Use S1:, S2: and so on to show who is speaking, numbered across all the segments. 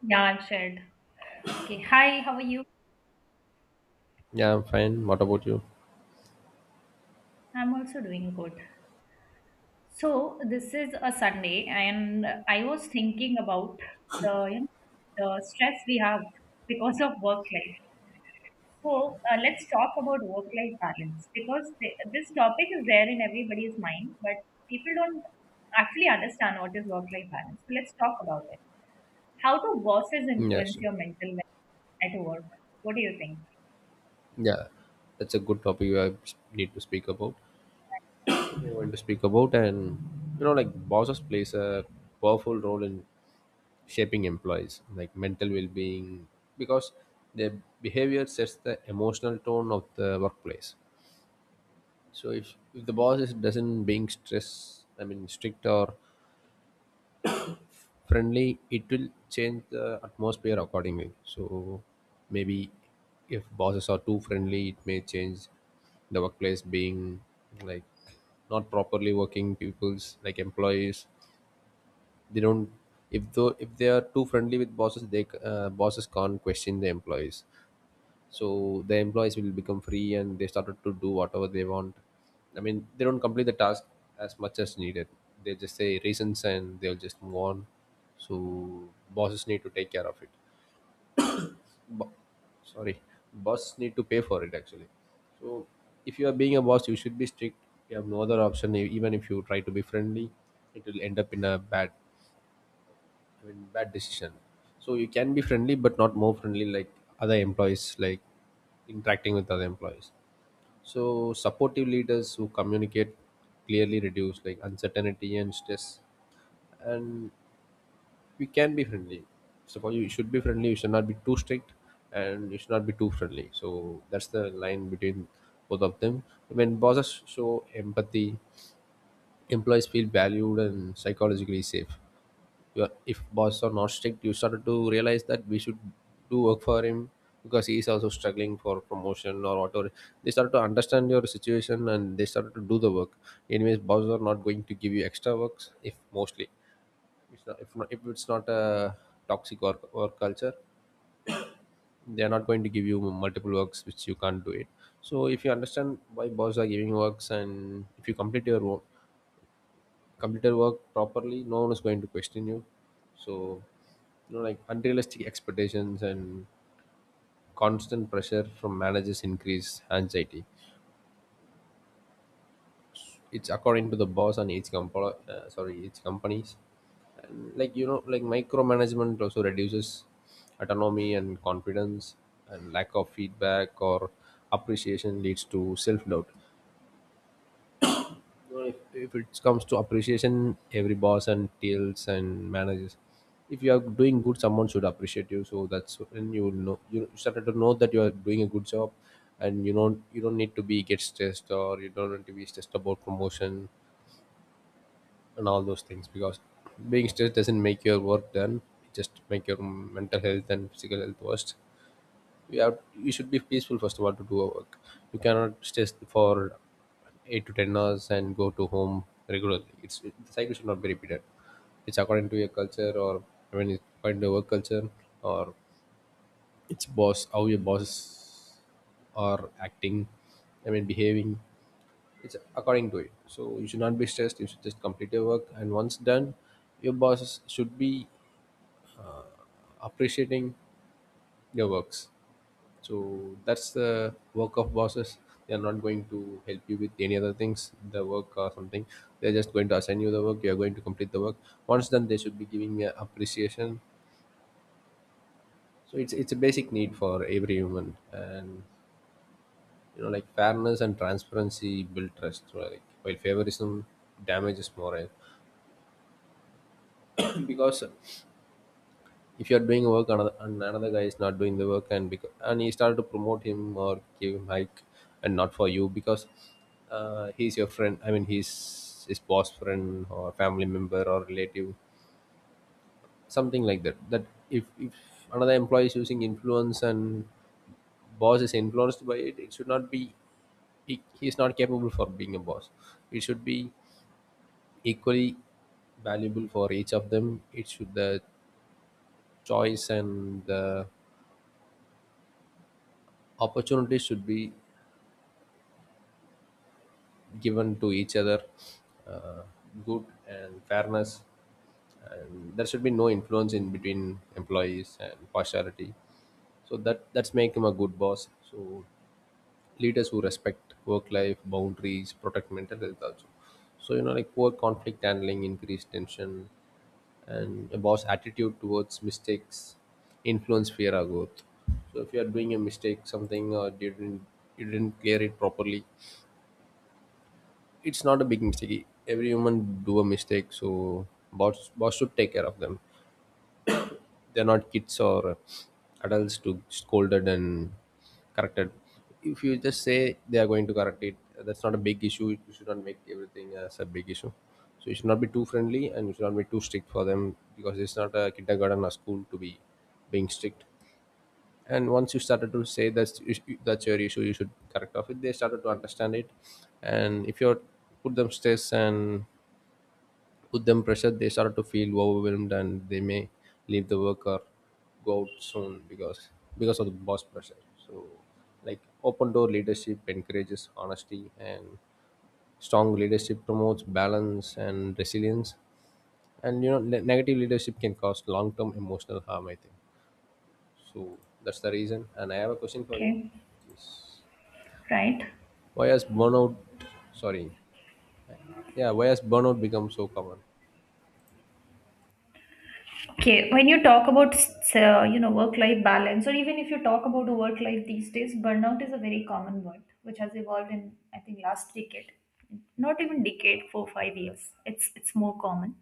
S1: Yeah, I've shared. Okay. Hi, how are you?
S2: Yeah, I'm fine. What about you?
S1: I'm also doing good. So this is a Sunday, and I was thinking about the you know, the stress we have because of work life. So let's talk about work life balance because this topic is there in everybody's mind, but people don't actually understand what is work life balance. So let's talk about it. How do bosses
S2: Mm, Yeah,
S1: influence
S2: sure.
S1: your mental health at work? What do you think?
S2: Yeah, that's a good topic I need to speak about. I want to speak about, and you know, like bosses plays a powerful role in shaping employees, like mental well-being, because their behavior sets the emotional tone of the workplace. So if the boss is doesn't being stress, I mean strict or friendly, it will change the atmosphere accordingly. So maybe if bosses are too friendly, it may change the workplace being like not properly working people's like employees. They don't if though if they are too friendly with bosses, bosses can't question the employees, so the employees will become free and they started to do whatever they want. I mean they don't complete the task as much as needed. They just say reasons and they'll just move on. So bosses need to take care of it. Bo- sorry Boss need to pay for it actually. So if you are being a boss you should be strict. You have no other option. Even if you try to be friendly it will end up in a bad, I mean, bad decision. So you can be friendly but not more friendly, like other employees, like interacting with other employees. So supportive leaders who communicate clearly reduce like uncertainty and stress, and we can be friendly. Suppose you should be friendly. You should not be too strict, and you should not be too friendly. So that's the line between both of them. When bosses show empathy, employees feel valued and psychologically safe. Your if boss are not strict you started to realize that we should do work for him because he is also struggling for promotion or whatever. They started to understand your situation and they started to do the work. Anyways bosses are not going to give you extra works if mostly it's not, if, not, if it's not a toxic work culture. They are not going to give you multiple works which you can't do it. So if you understand why bosses are giving works and if you complete your work, completed work properly, no one is going to question you. So, you know, like unrealistic expectations and constant pressure from managers increase anxiety. It's according to the boss and each company, each companies. And like you know, like micromanagement also reduces autonomy and confidence, and lack of feedback or appreciation leads to self doubt. Know, if it comes to appreciation every boss and TLs and managers, if you are doing good someone should appreciate you, so that's when you will know, you started to know that you are doing a good job. And you don't need to be get stressed, or you don't need to be stressed about promotion and all those things, because being stressed doesn't make your work done, it just make your mental health and physical health worse. You should be peaceful first of all to do a work. You cannot stay for 8 to 10 hours and go to home regularly. It, the cycle should not be repeated. It's according to your culture, or I mean it's according to your work culture, or it's boss, how your boss are acting, I mean behaving. It's according to it. So you should not be stressed, you should just complete your work, and once done your boss should be appreciating your works. So that's the work of bosses. They are not going to help you with any other things, the work or something. They're just going to assign you the work. You are going to complete the work. Once done, they should be giving you appreciation. So it's a basic need for every human, and you know like fairness and transparency build trust. Right? While favorism damages morale, because if you're doing work another, and another guy is not doing the work, and because and he started to promote him or give him hike and not for you because he's your friend, I mean he's his boss friend or family member or relative, something like that. That if another employee is using influence and boss is influenced by it, it should not be, he is not capable for being a boss. It should be equally valuable for each of them. It should, the choice and the opportunity should be given to each other. uh, Good and fairness, and there should be no influence in between employees and partiality. So that's make him a good boss. So leaders who respect work life boundaries protect mental health also. So you know like poor conflict handling increased tension, and a boss attitude towards mistakes influence fear or growth. So if you are doing a mistake something, or you didn't, you didn't clear it properly, it's not a big mistake. Every human do a mistake, so boss should take care of them. They're not kids or adults to scolded and corrected. If you just say they are going to correct it, that's not a big issue. You should not make everything as a big issue. So you should not be too friendly and you should not be too strict for them, because it's not a kindergarten or school to be being strict. And once you started to say that's your issue, you should correct off it. They started to understand it. And if you put them stress and put them pressure, they start to feel overwhelmed and they may leave the work or go out soon because of the boss pressure. So like open door leadership encourages honesty, and strong leadership promotes balance and resilience. And you know negative leadership can cause long-term emotional harm, I think. So that's the reason, and I have a question for you.
S1: Okay,
S2: Yes.
S1: right.
S2: Why has burnout, sorry, yeah, why has burnout become so common?
S1: Okay, when you talk about work-life balance, or even if you talk about work-life these days, burnout is a very common word which has evolved in I think last decade, not even decade, 4 5 years. It's more common.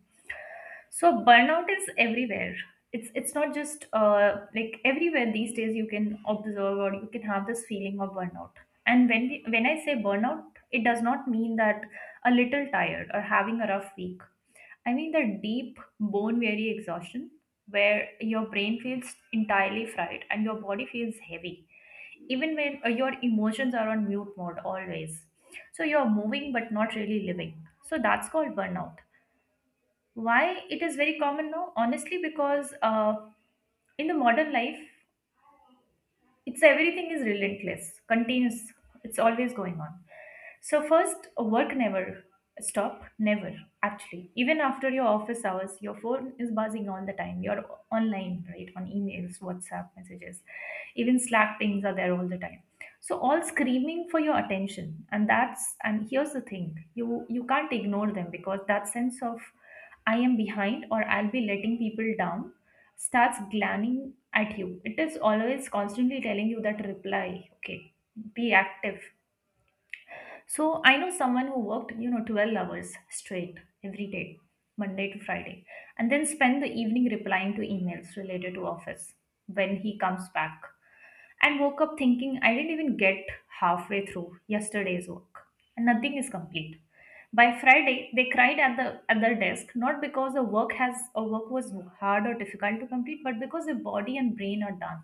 S1: So burnout is everywhere. It's not just like everywhere these days you can observe or you can have this feeling of burnout. And when I say burnout, it does not mean that a little tired or having a rough week. I mean the deep bone weary exhaustion where your brain feels entirely fried and your body feels heavy even when your emotions are on mute mode always. So you're moving but not really living, so that's called burnout. Why it is very common now? Honestly, because in the modern life, it's everything is relentless, continuous. It's always going on. So first, work never stop, never actually. Even after your office hours, your phone is buzzing all the time. You're online, right? On emails, WhatsApp messages, even Slack pings are there all the time. So all screaming for your attention, and that's and here's the thing: you can't ignore them because that sense of I am behind or I'll be letting people down starts glancing at you. It is always constantly telling you that reply, okay, be active. So I know someone who worked, you know, 12 hours straight every day, Monday to Friday, and then spent the evening replying to emails related to office when he comes back and woke up thinking I didn't even get halfway through yesterday's work. And nothing is complete. By Friday, they cried at their desk, not because the work has or work was hard or difficult to complete, but because the body and brain are done.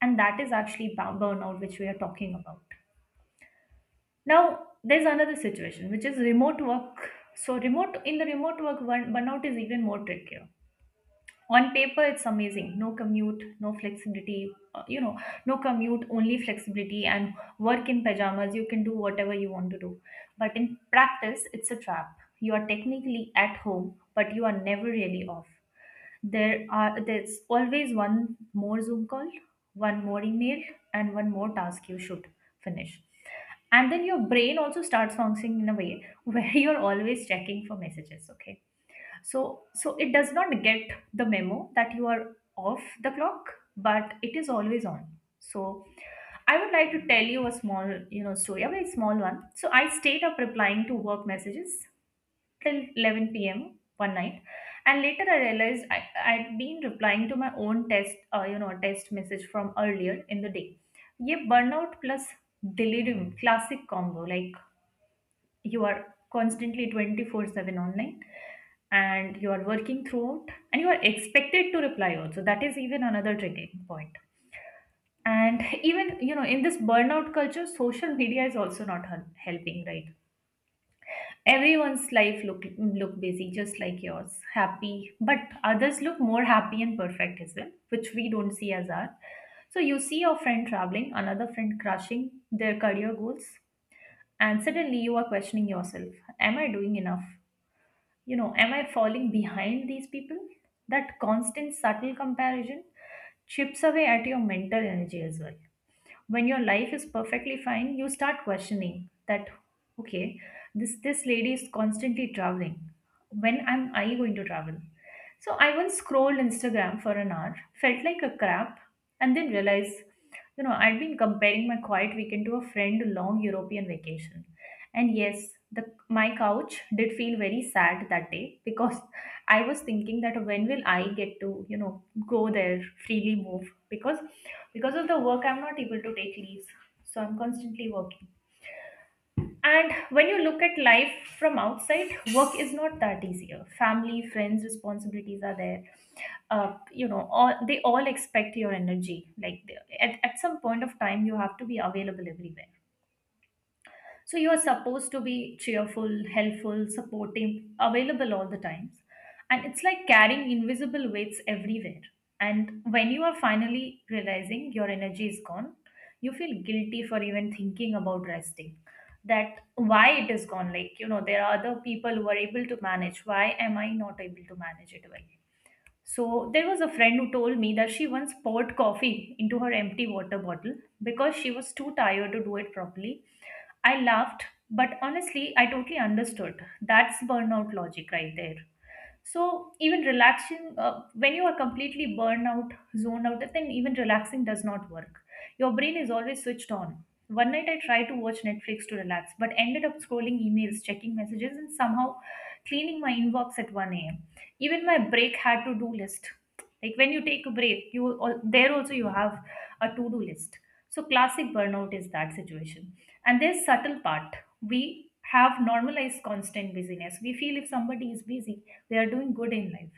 S1: And that is actually burnout, which we are talking about. Now, there's another situation, which is remote work. So, remote in the remote work, burnout is even more tricky. On paper it's amazing, no commute, no flexibility, no commute, only flexibility, and work in pajamas, you can do whatever you want to do, but in practice it's a trap. You are technically at home but you are never really off. There's always one more Zoom call, one more email, and one more task you should finish. And then your brain also starts functioning in a way where you're always checking for messages, okay, so, so it does not get the memo that you are off the clock, but it is always on. So, I would like to tell you a small, you know, story, a very small one. So, I stayed up replying to work messages till 11 p.m. one night, and later I realized I had been replying to my own test, test message from earlier in the day. ये burnout plus delirium, classic combo. Like you are constantly 24/7 online and you are working throughout and you are expected to reply also, that is even another triggering point. And even you know in this burnout culture social media is also not helping, right? Everyone's life look look busy just like yours, happy, but others look more happy and perfect as well, which we don't see as our. So you see your friend traveling, another friend crushing their career goals, and suddenly you are questioning yourself, am I doing enough? You know, am I falling behind these people? That constant subtle comparison chips away at your mental energy as well. When your life is perfectly fine, you start questioning that, okay, this lady is constantly traveling, when am I going to travel? So I once scrolled Instagram for an hour, felt like a crap, and then realized, you know, I'd been comparing my quiet weekend to a friend long european vacation. And yes, the my couch did feel very sad that day because I was thinking that when will I get to, you know, go there freely move, because of the work I'm not able to take leaves. So I'm constantly working. And when you look at life from outside, work is not that easier. Family, friends, responsibilities are there. They all expect your energy. Like at some point of time, you have to be available everywhere. So you are supposed to be cheerful, helpful, supportive, available all the times. And it's like carrying invisible weights everywhere. And when you are finally realizing your energy is gone, you feel guilty for even thinking about resting. That why it is gone. Like, you know, there are other people who are able to manage. Why am I not able to manage it well? So there was a friend who told me that she once poured coffee into her empty water bottle because she was too tired to do it properly. I laughed, but honestly, I totally understood. That's burnout logic right there. So even relaxing when you are completely burned out, zoned out, then even relaxing does not work. Your brain is always switched on. One night I tried to watch Netflix to relax but ended up scrolling emails, checking messages, and somehow cleaning my inbox at 1 a.m. Even my break had to do list, like when you take a break, there also you have a to do list. So classic burnout is that situation. And there's subtle part, we have normalized constant busyness, we feel if somebody is busy they are doing good in life.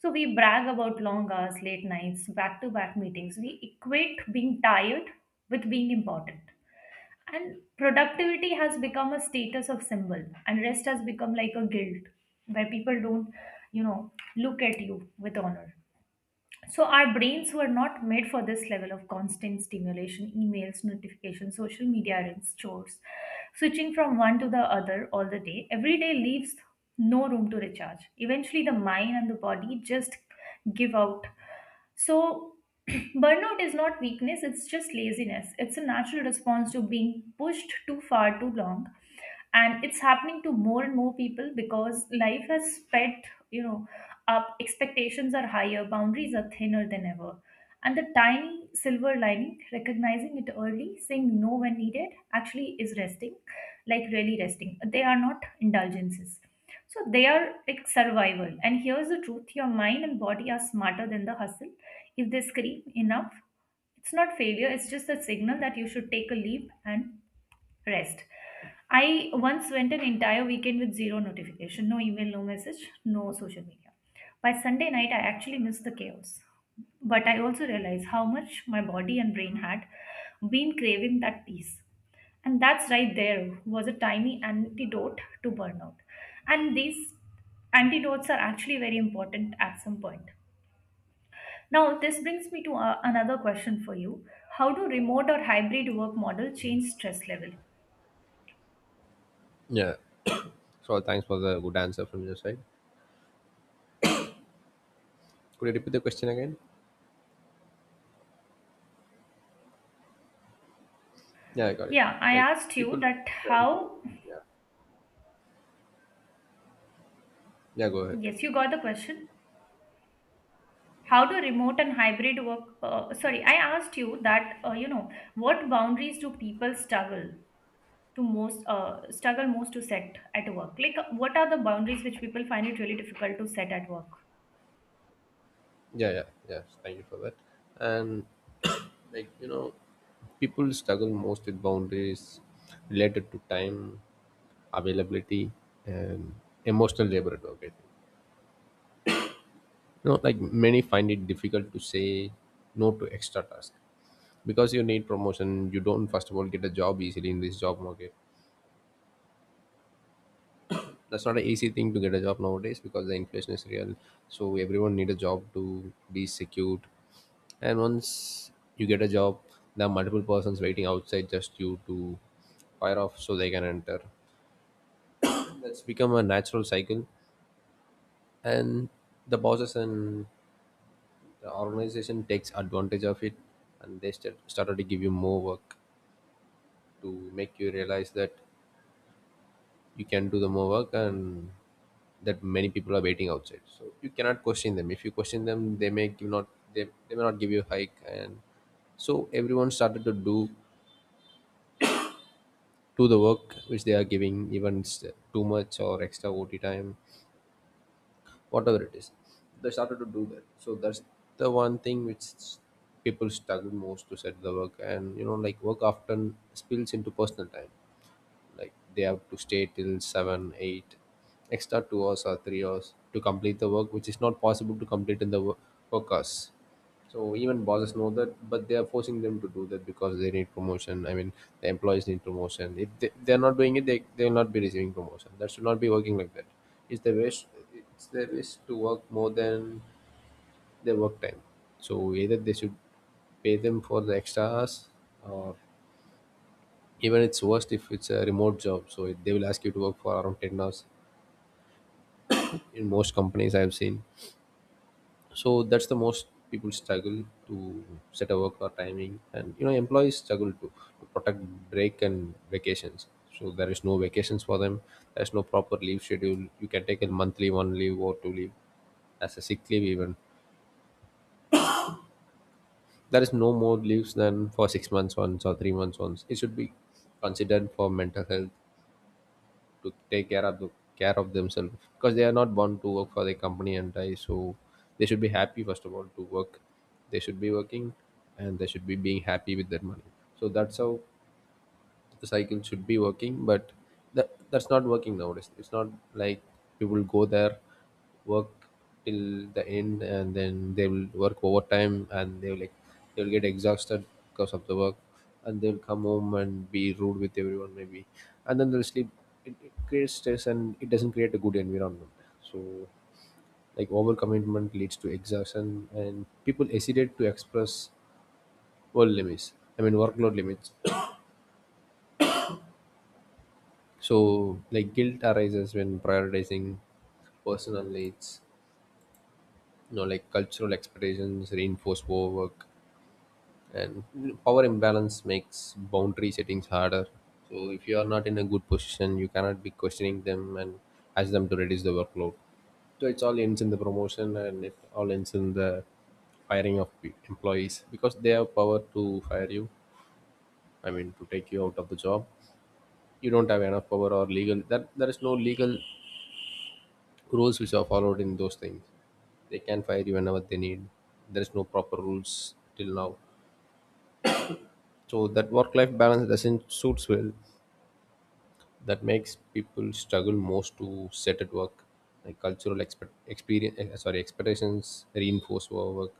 S1: So we brag about long hours, late nights, back to back meetings. We equate being tired with being important. And productivity has become a status of symbol, and rest has become like a guilt where people don't, you know, look at you with honor. So our brains were not made for this level of constant stimulation, emails, notifications, social media, and chores. Switching from one to the other all the day, every day leaves no room to recharge. Eventually, the mind and the body just give out. So, burnout is not weakness, it's just laziness. It's a natural response to being pushed too far too long, and it's happening to more and more people because life has sped, you know, up. Expectations are higher, boundaries are thinner than ever. And the tiny silver lining, recognizing it early, saying no when needed, actually is resting, like really resting, they are not indulgences. So they are like survival. And here's the truth, your mind and body are smarter than the hustle. If they scream enough, it's not failure, it's just a signal that you should take a leap and rest. I once went an entire weekend with zero notification, no email, no message, no social media. By Sunday night, I actually missed the chaos. But I also realized how much my body and brain had been craving that peace. And that's right, there was a tiny antidote to burnout. And these antidotes are actually very important at some point. Now, this brings me to another question for you. How do remote or hybrid work model change stress level?
S2: Yeah, so thanks for the good answer from your side. Could you repeat the question again? Yeah, I got it.
S1: Yeah, I
S2: Like
S1: asked you
S2: people
S1: that
S2: trying
S1: how.
S2: to, yeah. Yeah, go ahead.
S1: Yes, you got the question. How do remote and hybrid work? Sorry, I asked you that, what boundaries do people struggle most to set at work? Like, what are the boundaries which people find it really difficult to set at work?
S2: Yeah, yeah, yeah, Thank you for that. And like, you know, people struggle most with boundaries related to time, availability and emotional labor at work, I think. You know, like many find it difficult to say no to extra tasks. Because you need promotion, you don't first of all get a job easily in this job market. That's not an easy thing to get a job nowadays because the inflation is real. So everyone need a job to be secured. And once you get a job there are multiple persons waiting outside just you to fire off so they can enter. That's become a natural cycle. And the bosses and the organization takes advantage of it, and they started to give you more work, to make you realize that you can do the more work, and that many people are waiting outside so you cannot question them. If you question them they may give not, they may not give you a hike. And so everyone started to do the work which they are giving, even too much or extra ot time, whatever it is, they started to do that. So that's the one thing which people struggle most to set the work. And you know like work often spills into personal time, like they have to stay till 7 8 extra 2 hours or 3 hours to complete the work which is not possible to complete in the work hours. So even bosses know that, but they are forcing them to do that because they need promotion, I mean the employees need promotion. If they, they're not doing it, they will not be receiving promotion. That should not be working like that. It's the wish, it's their wish to work more than their work time. So either they should pay them for the extra hours, or even it's worst if it's a remote job, so it, they will ask you to work for around 10 hours in most companies I have seen. So that's the most people struggle to set a work or timing. And you know employees struggle to protect break and vacations. So there is no vacations for them. There's no proper leave schedule, you can take a monthly one leave or two leave as a sick leave. Even there is no more leaves than for 6 months once or 3 months once. It should be considered for mental health, to take care of the care of themselves, because they are not born to work for the company and die. So they should be happy first of all to work, they should be working, and they should be being happy with their money. So that's how the cycle should be working, but that, that's not working nowadays. It's not like people go there, work till the end, and Then they will work overtime and they will, like, they will get exhausted because of the work, and they'll come home and be rude with everyone maybe, and then they'll sleep. It creates stress and it doesn't create a good environment. So, like, overcommitment leads to exhaustion and people hesitate to express work limits. I mean workload limits. So, like, guilt arises when prioritizing personal needs. Like, cultural expectations reinforce overwork, and power imbalance makes boundary settings harder. So, if you are not in a good position, you cannot be questioning them and ask them to reduce the workload. So, it's all ends in the promotion and it all ends in the firing of employees because they have power to fire you. I mean, to take you out of the job. You don't have enough power or legal. That there is no legal rules which are followed in those things. They can fire you whenever they need. There is no proper rules till now. So that work-life balance doesn't suits well. That makes people struggle most to set at work. Like cultural expectations reinforce work,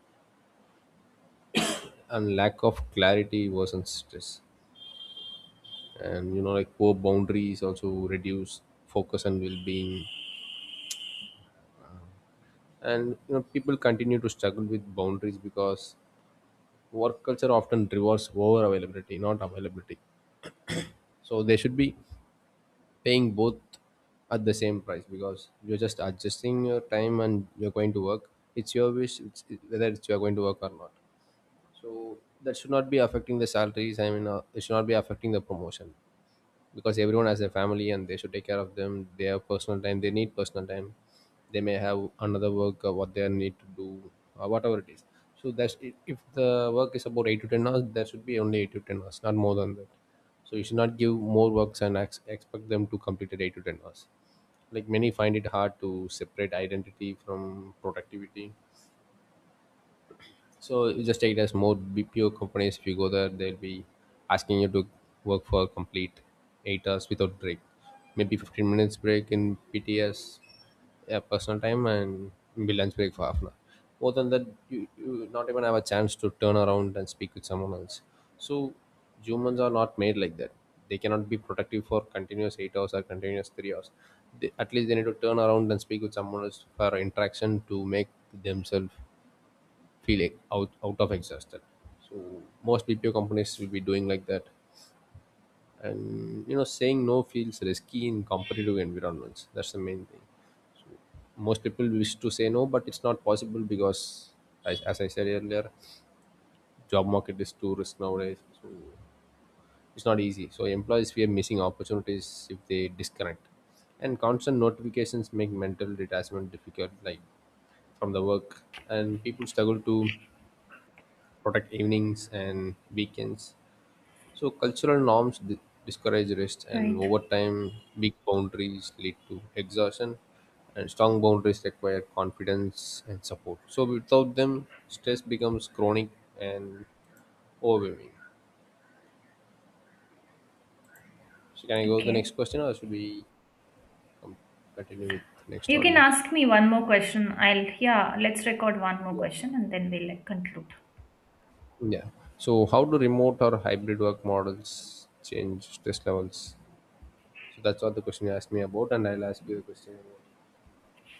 S2: and lack of clarity worsens stress. Like, poor boundaries also reduce focus and well-being. And people continue to struggle with boundaries because work culture often rewards over availability, not availability. So they should be paying both at the same price, because you're just adjusting your time and you're going to work. It's your wish. Whether it's you're going to work or not, so that should not be affecting the salaries. I mean it should not be affecting the promotion, because everyone has a family and they should take care of them. They have personal time, they need personal time. They may have another work or what they need to do, or whatever it is. So that's if the work is about 8 to 10 hours, there should be only 8 to 10 hours, not more than that. So you should not give more works and expect them to complete it 8 to 10 hours. Like, many find it hard to separate identity from productivity. So you just take it as more BPO companies. If you go there, they'll be asking you to work for complete 8 hours without break. Maybe 15 minutes break in PTS, yeah, personal time, and maybe lunch break for half an hour. More than that, you not even have a chance to turn around and speak with someone else. So humans are not made like that. They cannot be productive for continuous 8 hours or continuous 3 hours. They, at least they need to turn around and speak with someone else for interaction to make themselves feel like out of exhausted. So most BPO companies will be doing like that. And you know, saying no feels risky in competitive environments. That's the main thing. Most people wish to say no but it's not possible because, as I said earlier, job market is too risk nowadays. So it's not easy. So employees fear missing opportunities if they disconnect, and constant notifications make mental detachment difficult, like, from the work. And people struggle to protect evenings and weekends. So cultural norms discourage rest, and over
S1: Right.
S2: time, weak boundaries lead to exhaustion, and strong boundaries require confidence and support. So without them, stress becomes chronic and overwhelming. So can I go to the next
S1: Okay.
S2: question, or should we continue with the next
S1: You can
S2: audio?
S1: ask me one more question. Yeah, let's record one more
S2: Yeah.
S1: question and then we'll, like, conclude.
S2: Yeah. So how do remote or hybrid work models change stress levels? So that's what the question you asked me about, and I'll ask you the question. About.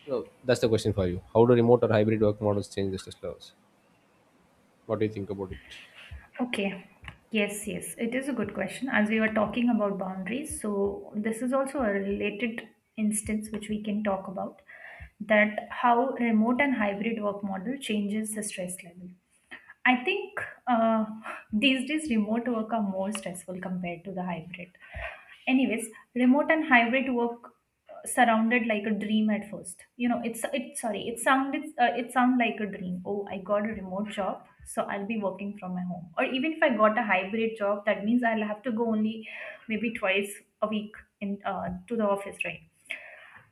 S2: No, that's the question for you. How do remote or hybrid work models change the stress levels? What do you think about it?
S1: Okay. Yes, yes. It is a good question. As we were talking about boundaries, so this is also a related instance which we can talk about, that how remote and hybrid work model changes the stress level. I think uh, these days remote work are more stressful compared to the hybrid. Anyways, remote and hybrid work surrounded like a dream at first. You know, it's it sorry, it sounded like a dream. Oh, I got a remote job, so I'll be working from my home. Or even if I got a hybrid job, that means I'll have to go only maybe twice a week in to the office, right?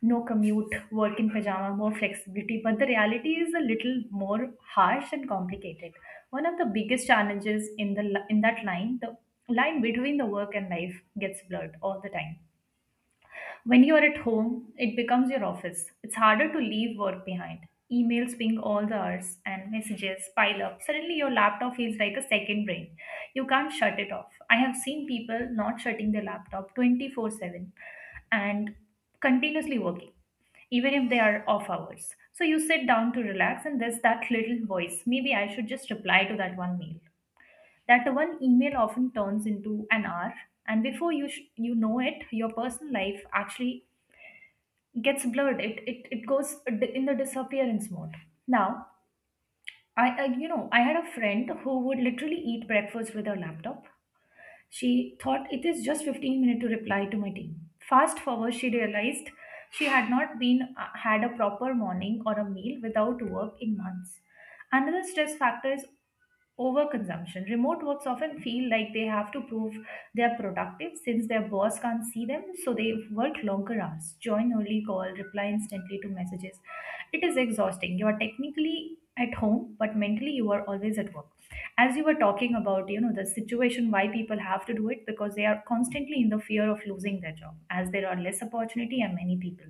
S1: No commute, work in pajama, more flexibility. But the reality is a little more harsh and complicated. One of the biggest challenges: in that line, the line between the work and life gets blurred all the time. When you are at home, it becomes your office. It's harder to leave work behind. Emails ping all the hours and messages pile up. Suddenly, your laptop feels like a second brain. You can't shut it off. I have seen people not shutting their laptop 24/7 and continuously working, even if they are off hours. So, you sit down to relax, and there's that little voice, maybe I should just reply to that one mail. That one email often turns into an hour, and before you know it, your personal life actually gets blurred, it goes in the disappearance mode now. I you know I had a friend who would literally eat breakfast with her laptop. She thought it is just 15 minutes to reply to my team. Fast forward, she realized she had not been had a proper morning or a meal without work in months. Another stress factor is overconsumption. Remote works often feel like they have to prove they are productive since their boss can't see them, so they work longer hours, join early call, reply instantly to messages. It is exhausting. You are technically at home, but mentally you are always at work. As you were talking about, you know, the situation why people have to do it, because they are constantly in the fear of losing their job as there are less opportunity and many people,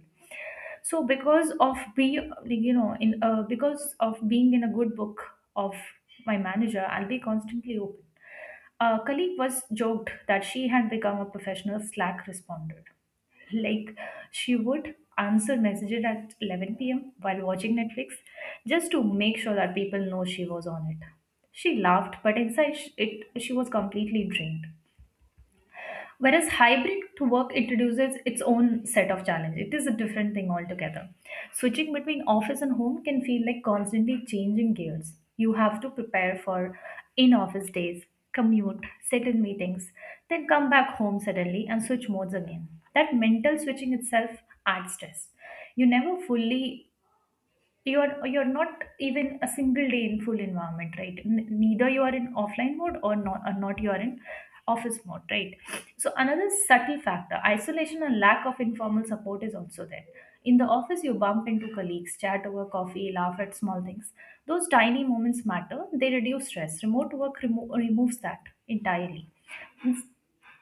S1: so because of be like, you know, in because of being in a good book of my manager, I'll be constantly open. A colleague was joked that she had become a professional Slack responder. Like, she would answer messages at 11 p.m. while watching Netflix, just to make sure that people know she was on it. She laughed, but inside she was completely drained. Whereas hybrid to work introduces its own set of challenges. It is a different thing altogether. Switching between office and home can feel like constantly changing gears. You have to prepare for in office days, commute, sit in meetings, then come back home suddenly and switch modes again. That mental switching itself adds stress. You never fully, you're not even a single day in full environment, right? Neither you are in offline mode or not, or not you are in office mode, right? So another subtle factor, isolation and lack of informal support, is also there. In the office you bump into colleagues, chat over coffee, laugh at small things. Those tiny moments matter, they reduce stress. Remote work removes that entirely.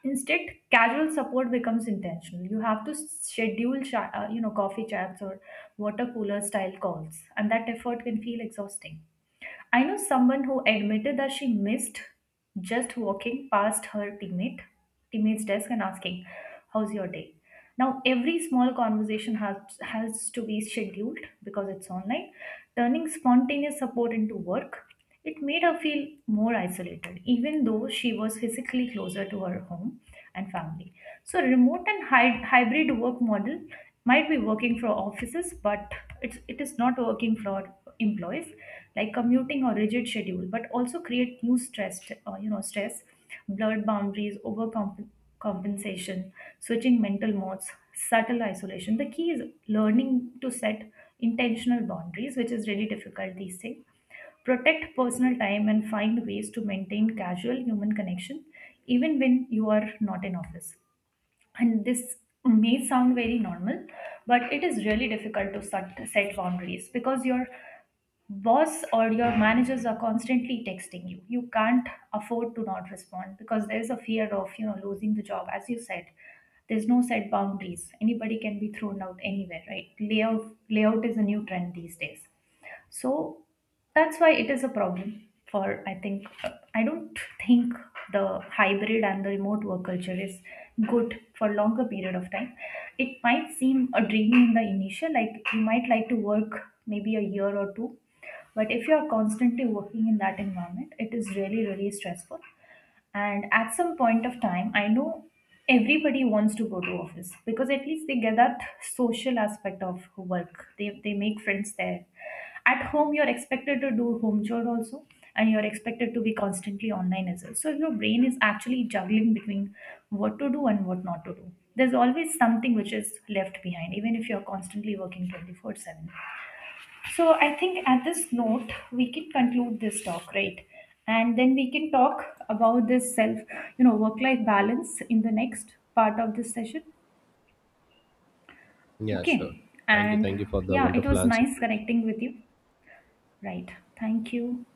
S1: Instead, casual support becomes intentional. You have to schedule coffee chats or water cooler style calls, and that effort can feel exhausting. I know someone who admitted that she missed just walking past her teammate's desk and asking, "How's your day?" Now, every small conversation has to be scheduled because it's online, turning spontaneous support into work. It made her feel more isolated, even though she was physically closer to her home and family. So, remote and hybrid work model might be working for offices, but it is not working for employees, like commuting or rigid schedule, but also create new stress, stress, blurred boundaries, overcompensation, compensation, switching mental modes, subtle isolation. The key is learning to set intentional boundaries, which is really difficult these days. Protect personal time and find ways to maintain casual human connection even when you are not in office. And this may sound very normal, but it is really difficult to set boundaries because your boss or your managers are constantly texting you. You can't afford to not respond because there is a fear of, you know, losing the job. As you said, there's no set boundaries, anybody can be thrown out anywhere, right? Layout is a new trend these days. So that's why it is a problem for, I don't think the hybrid and the remote work culture is good for longer period of time. It might seem a dream in the initial, like you might like to work maybe a year or two, but if you are constantly working in that environment, it is really really stressful. And at some point of time, I know everybody wants to go to office because at least they get that social aspect of work. They make friends there. At home you're expected to do home chore also, and you're expected to be constantly online as well, so your brain is actually juggling between what to do and what not to do. There's always something which is left behind even if you're constantly working 24/7. So I think at this note, we can conclude this talk, right? And then we can talk about this self, you know, work life balance in the next part of this session.
S2: Yeah, sure.
S1: Okay.
S2: Thank you.
S1: And
S2: Thank you for the
S1: yeah, it
S2: wonderful
S1: was
S2: answer.
S1: nice connecting with you. Right. Thank you.